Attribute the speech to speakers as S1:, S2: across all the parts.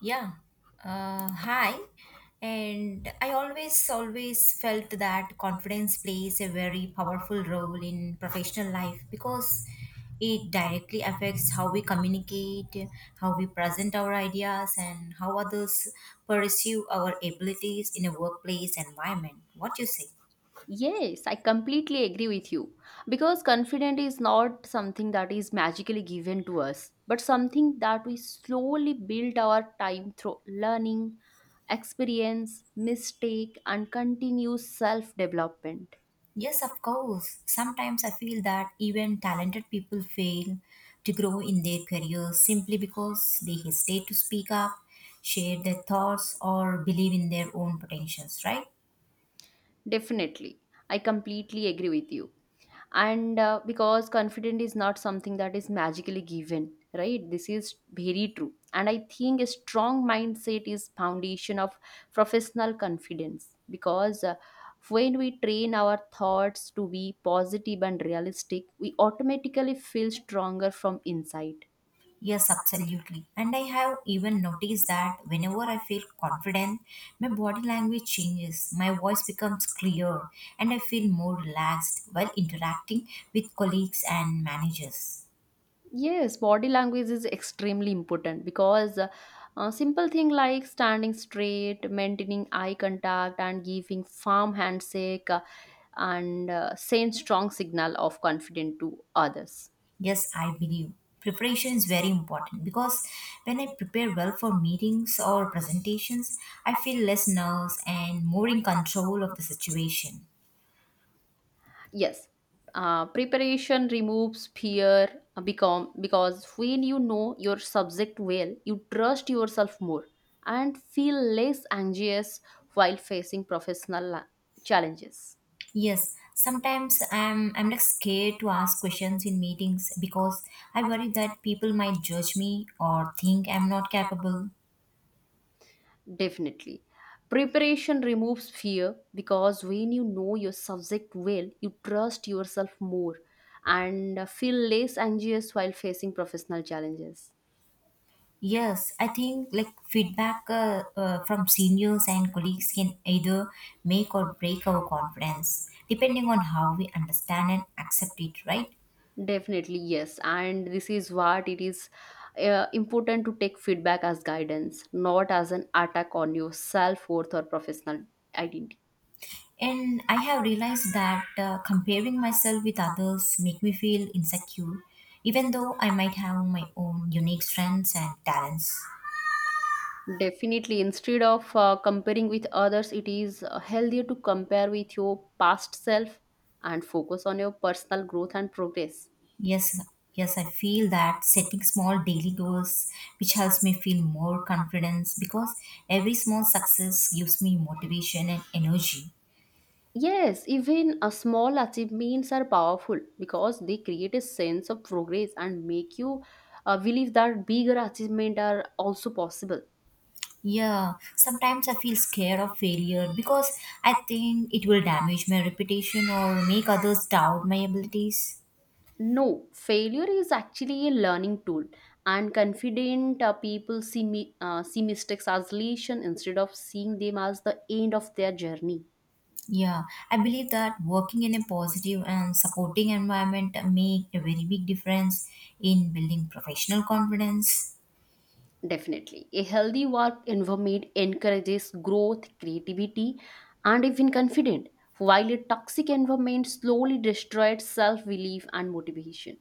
S1: Yeah. Hi. And I always, always felt that confidence plays a very powerful role in professional life because it directly affects how we communicate, how we present our ideas, and how others perceive our abilities in a workplace environment. What you say?
S2: Yes, I completely agree with you. Because confidence is not something that is magically given to us, but something that we slowly build our time through learning, experience, mistake, and continuous self development.
S1: Yes, of course. Sometimes I feel that even talented people fail to grow in their careers simply because they hesitate to speak up, share their thoughts, or believe in their own potentials, right?
S2: Definitely. I completely agree with you. And Because confidence is not something that is magically given, right? This is very true. And I think a strong mindset is foundation of professional confidence because when we train our thoughts to be positive and realistic, we automatically feel stronger from inside.
S1: Yes, absolutely. And I have even noticed that whenever I feel confident, my body language changes, my voice becomes clear, and I feel more relaxed while interacting with colleagues and managers.
S2: Yes, body language is extremely important because simple thing like standing straight, maintaining eye contact, and giving firm handshake and send strong signal of confidence to others.
S1: Yes, I believe preparation is very important because when I prepare well for meetings or presentations, I feel less nerves and more in control of the situation.
S2: Yes, preparation removes fear become because when you know your subject well, you trust yourself more and feel less anxious while facing challenges.
S1: Yes, sometimes I'm like scared to ask questions in meetings because I worry that people might judge me or think I'm not capable.
S2: Definitely. Preparation removes fear because when you know your subject well, you trust yourself more and feel less anxious while facing professional challenges.
S1: Yes, I think like feedback from seniors and colleagues can either make or break our confidence, depending on how we understand and accept it, right?
S2: Definitely, yes. And this is what it is important to take feedback as guidance, not as an attack on your self worth or professional identity.
S1: And I have realized that comparing myself with others make me feel insecure, even though I might have my own unique strengths and talents.
S2: Definitely, instead of comparing with others, it is healthier to compare with your past self and focus on your personal growth and progress.
S1: Yes, yes, I feel that setting small daily goals, which helps me feel more confidence because every small success gives me motivation and energy.
S2: Yes, even a small achievements are powerful because they create a sense of progress and make you believe that bigger achievements are also possible.
S1: Yeah, sometimes I feel scared of failure because I think it will damage my reputation or make others doubt my abilities.
S2: No, failure is actually a learning tool, and confident people see mistakes as lesson instead of seeing them as the end of their journey.
S1: Yeah, I believe that working in a positive and supporting environment make a very big difference in building professional confidence.
S2: Definitely. A healthy work environment encourages growth, creativity, and even confidence, while a toxic environment slowly destroys self belief and motivation.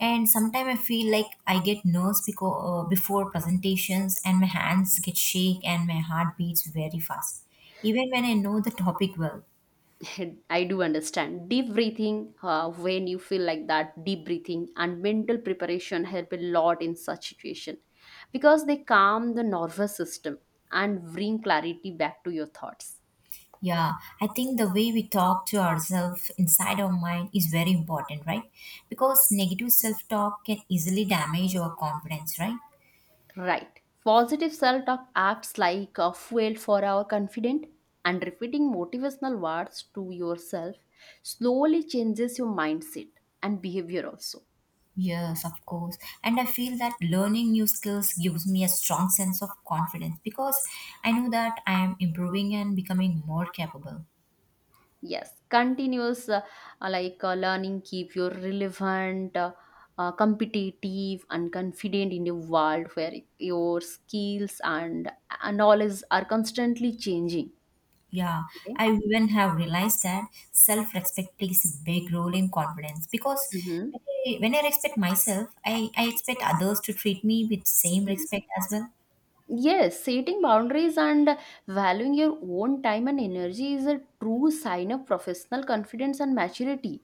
S1: And sometimes I feel like I get nerves because, before presentations and my hands get shake and my heart beats very fast, even when I know the topic well.
S2: I do understand. Deep breathing, when you feel like that, deep breathing and mental preparation help a lot in such situation because they calm the nervous system and bring clarity back to your thoughts.
S1: Yeah, I think the way we talk to ourselves inside our mind is very important, right? Because negative self talk can easily damage our confidence, right?
S2: Right. Positive self talk acts like a fuel for our confidence, and repeating motivational words to yourself slowly changes your mindset and behavior also.
S1: Yes, of course. And I feel that learning new skills gives me a strong sense of confidence because I know that I am improving and becoming more capable.
S2: Yes, continuous learning keep you relevant, competitive, and confident in a world where your skills and knowledge are constantly changing.
S1: Yeah,
S2: Okay.
S1: I even have realized that self-respect plays a big role in confidence because
S2: Mm-hmm.
S1: when when I respect myself, I expect others to treat me with same respect as well.
S2: Yes, setting boundaries and valuing your own time and energy is a true sign of professional confidence and maturity.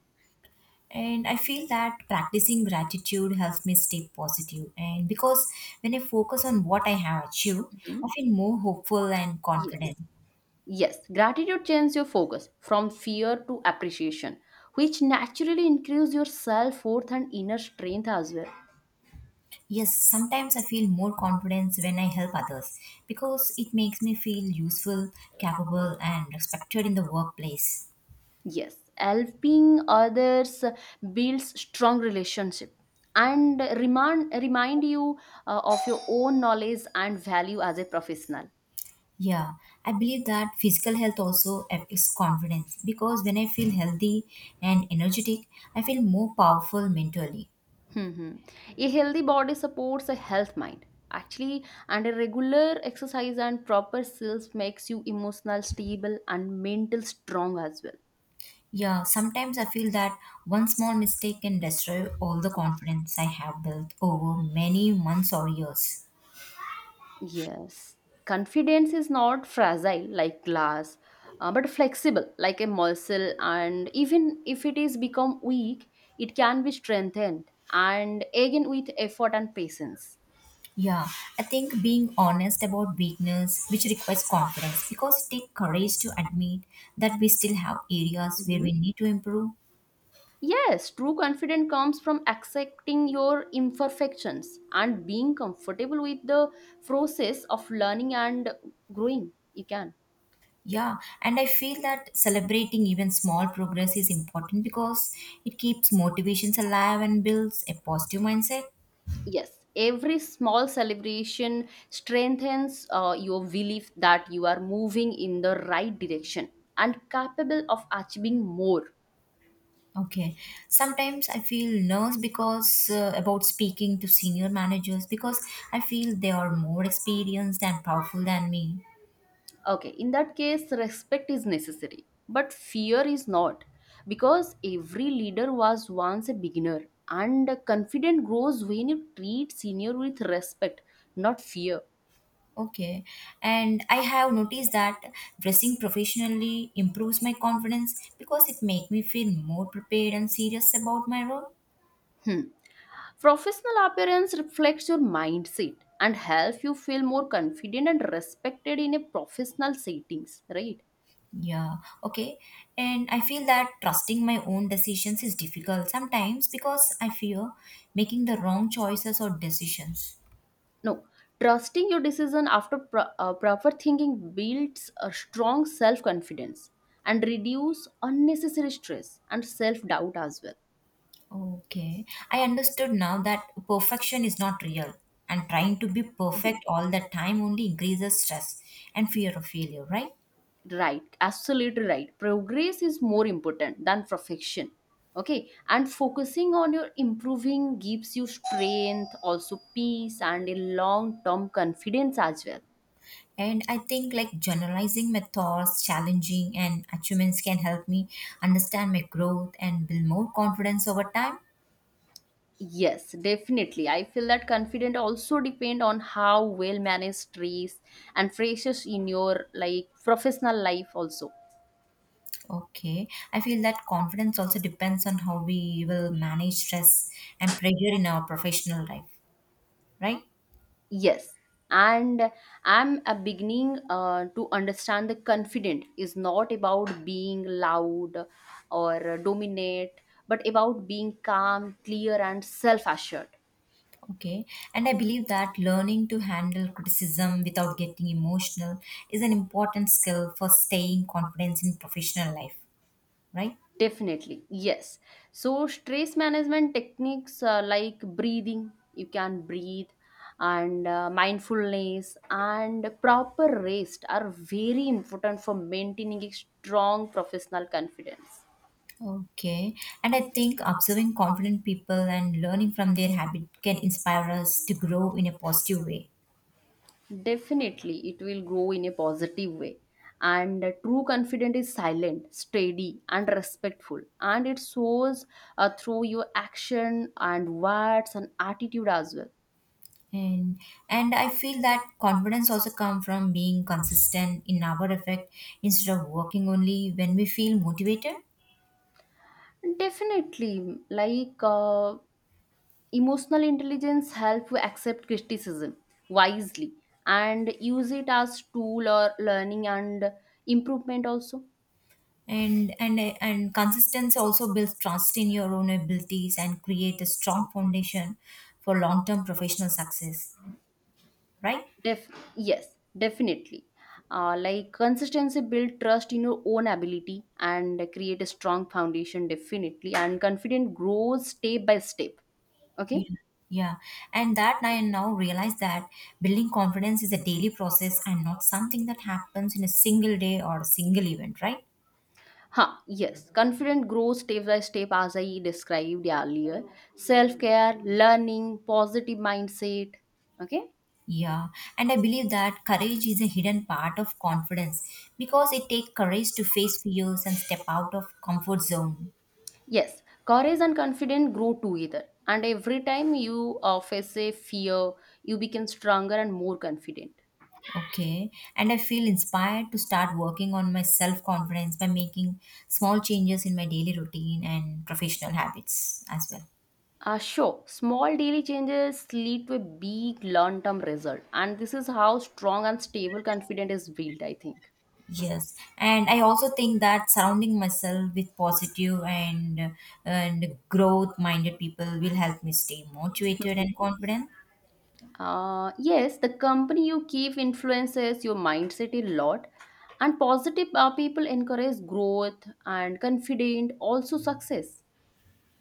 S1: And I feel that practicing gratitude helps me stay positive. And because when I focus on what I have achieved, I
S2: Mhm.
S1: feel more hopeful and
S2: Yes,
S1: confident.
S2: yes. Gratitude changes your focus from fear to appreciation, which naturally increases your self worth and inner strength as well.
S1: Yes, sometimes I feel more confidence when I help others because it makes me feel useful, capable, and respected in the workplace.
S2: Yes, helping others builds strong relationship and remind you of your own knowledge and value as a professional.
S1: Yeah, I believe that physical health also affects confidence because when I feel healthy and energetic, I feel more powerful mentally.
S2: Mm-hmm. A healthy body supports a health mind. Actually, and a regular exercise and proper self makes you emotional stable and mental strong as well.
S1: Yeah, sometimes I feel that one small mistake can destroy all the
S2: Yes.
S1: confidence I have built over many months or years.
S2: Yes. Confidence is not fragile like glass, but flexible like a muscle. And even if it is become weak, it can be strengthened and again with effort and patience.
S1: Yeah, I think being honest about weakness, which requires confidence, because it takes courage to admit that we still have areas where we need to improve.
S2: Yes, true confidence comes from accepting your imperfections and being comfortable with the process of learning and growing. You can.
S1: Yeah, and I feel that celebrating even small progress is important because it keeps motivations alive and builds a positive mindset.
S2: Yes, every small celebration strengthens your belief that you are moving in the right direction and capable of achieving more.
S1: Okay, sometimes I feel nervous because about speaking to senior managers because I feel they are more experienced and powerful than me.
S2: Okay, in that case, respect is necessary, but fear is not. Because every leader was once a beginner, and confidence grows when you treat senior with respect, not fear.
S1: Okay, and I have noticed that dressing professionally improves my confidence because it makes me feel more prepared and serious about my role.
S2: Professional appearance reflects your mindset and helps you feel more confident and respected in a professional settings, right?
S1: Yeah, okay. And I feel that trusting my own decisions is difficult sometimes because I fear making the wrong choices or decisions.
S2: No, trusting your decision after proper thinking builds a strong self confidence and reduce unnecessary stress and self doubt as well.
S1: Okay. I understood now that perfection is not real and trying to be perfect
S2: Yes.
S1: all the time only increases stress and fear of failure, right?
S2: Right, absolutely right. Progress is more important than perfection. Okay, and focusing on your improving gives you strength, also peace, and a long term confidence as well.
S1: And I think like generalizing my thoughts, challenging and achievements can help me understand my growth and build more confidence over time.
S2: Yes, definitely. I feel that confident also depend on how well managed trees and phrases in your like professional life also.
S1: Okay. I feel that confidence also depends on how we will manage stress and pressure in our professional life, right?
S2: Yes. And I'm a beginning to understand the confident is not about being loud or dominate, but about being calm, clear, and self assured.
S1: Okay. And I believe that learning to handle criticism without getting emotional is an important skill for staying confident in professional life, right?
S2: Definitely, yes. So, stress management techniques like breathing, you can breathe, and mindfulness and proper rest are very important for maintaining a strong professional confidence.
S1: Okay. And I think observing confident people and learning from their habit can inspire us to grow in a positive way.
S2: Definitely, it will grow in a positive way. And true confidence is silent, steady, and respectful, and it shows through your action and words and attitude as well.
S1: and and I feel that confidence also come from being consistent in our effect instead of working only when we feel motivated
S2: Definitely, like emotional intelligence help you accept criticism wisely and use it as tool or learning and improvement also.
S1: and consistency also builds trust in your own abilities and create a strong foundation for long term professional success, right?
S2: Def Yes, definitely. Like consistency build trust in your own ability and create a strong foundation definitely and confident grows step by step. Okay.
S1: Yeah. Yeah. And that I now realize that building confidence is a daily process and not something that happens in a single day or a single event, right?
S2: Huh, yes, confident grows step by step as I described earlier. Self care, learning, positive mindset. Okay,
S1: Yeah, and I believe that courage is a hidden part of confidence because it takes courage to face fears and step out of comfort zone.
S2: yes, courage and confidence grow together. And every time you face a fear, you become stronger and more confident.
S1: Okay, and I feel inspired to start working on my self confidence by making small changes in my daily routine and professional habits as well.
S2: Sure, small daily changes lead to a big long term result. And this is how strong and stable confidence is built, I think.
S1: Yes, and I also think that surrounding myself with positive and growth minded people will help me stay motivated and confident.
S2: Yes, the company you keep influences your mindset a lot, and positive people encourage growth and confident, also success.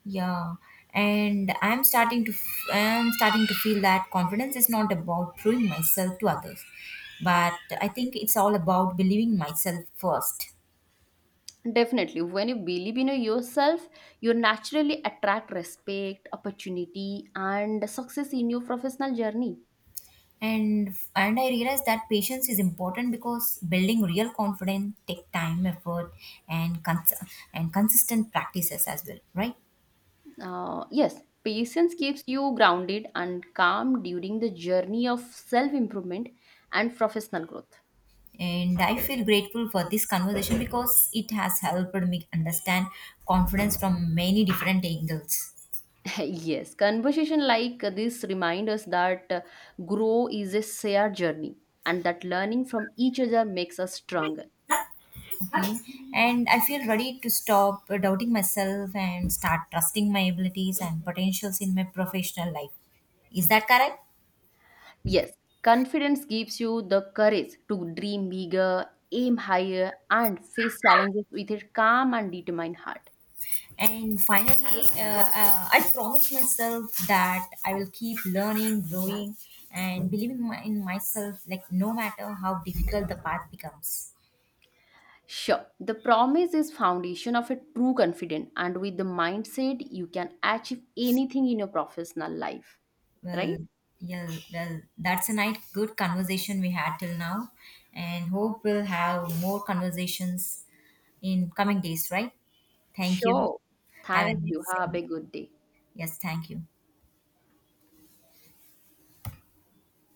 S1: Yeah, and I'm starting to feel that confidence is not about proving myself to others, but I think it's all about believing myself first.
S2: Definitely, when you believe in yourself, you naturally attract respect, opportunity, and success in your professional journey.
S1: And I realize that patience is important because building real confidence take time, effort, and cons- and consistent practices as well, right?
S2: Yes, patience keeps you grounded and calm during the journey of self improvement and professional growth.
S1: And I feel grateful for this conversation because it has helped me understand confidence from many different angles.
S2: Yes, conversation like this remind us that grow is a shared journey and that learning from each other makes us stronger.
S1: Mm-hmm. And I feel ready to stop doubting myself and start trusting my abilities and potentials in my professional life. Is that correct?
S2: Yes, confidence gives you the courage to dream bigger, aim higher, and face challenges with a calm and determined heart.
S1: And finally I promise myself that I will keep learning growing and believing in myself like no matter how difficult the path becomes.
S2: Sure, the promise is foundation of a true confidence, and with the mindset, you can achieve anything in your professional life.
S1: Well,
S2: Right?
S1: yeah, well, that's a nice good conversation we had till now, and hope we'll have more conversations in coming days, right? Thank you.
S2: Sure.
S1: Have a
S2: Thank you.
S1: nice day.
S2: Have a good day.
S1: Yes, thank you.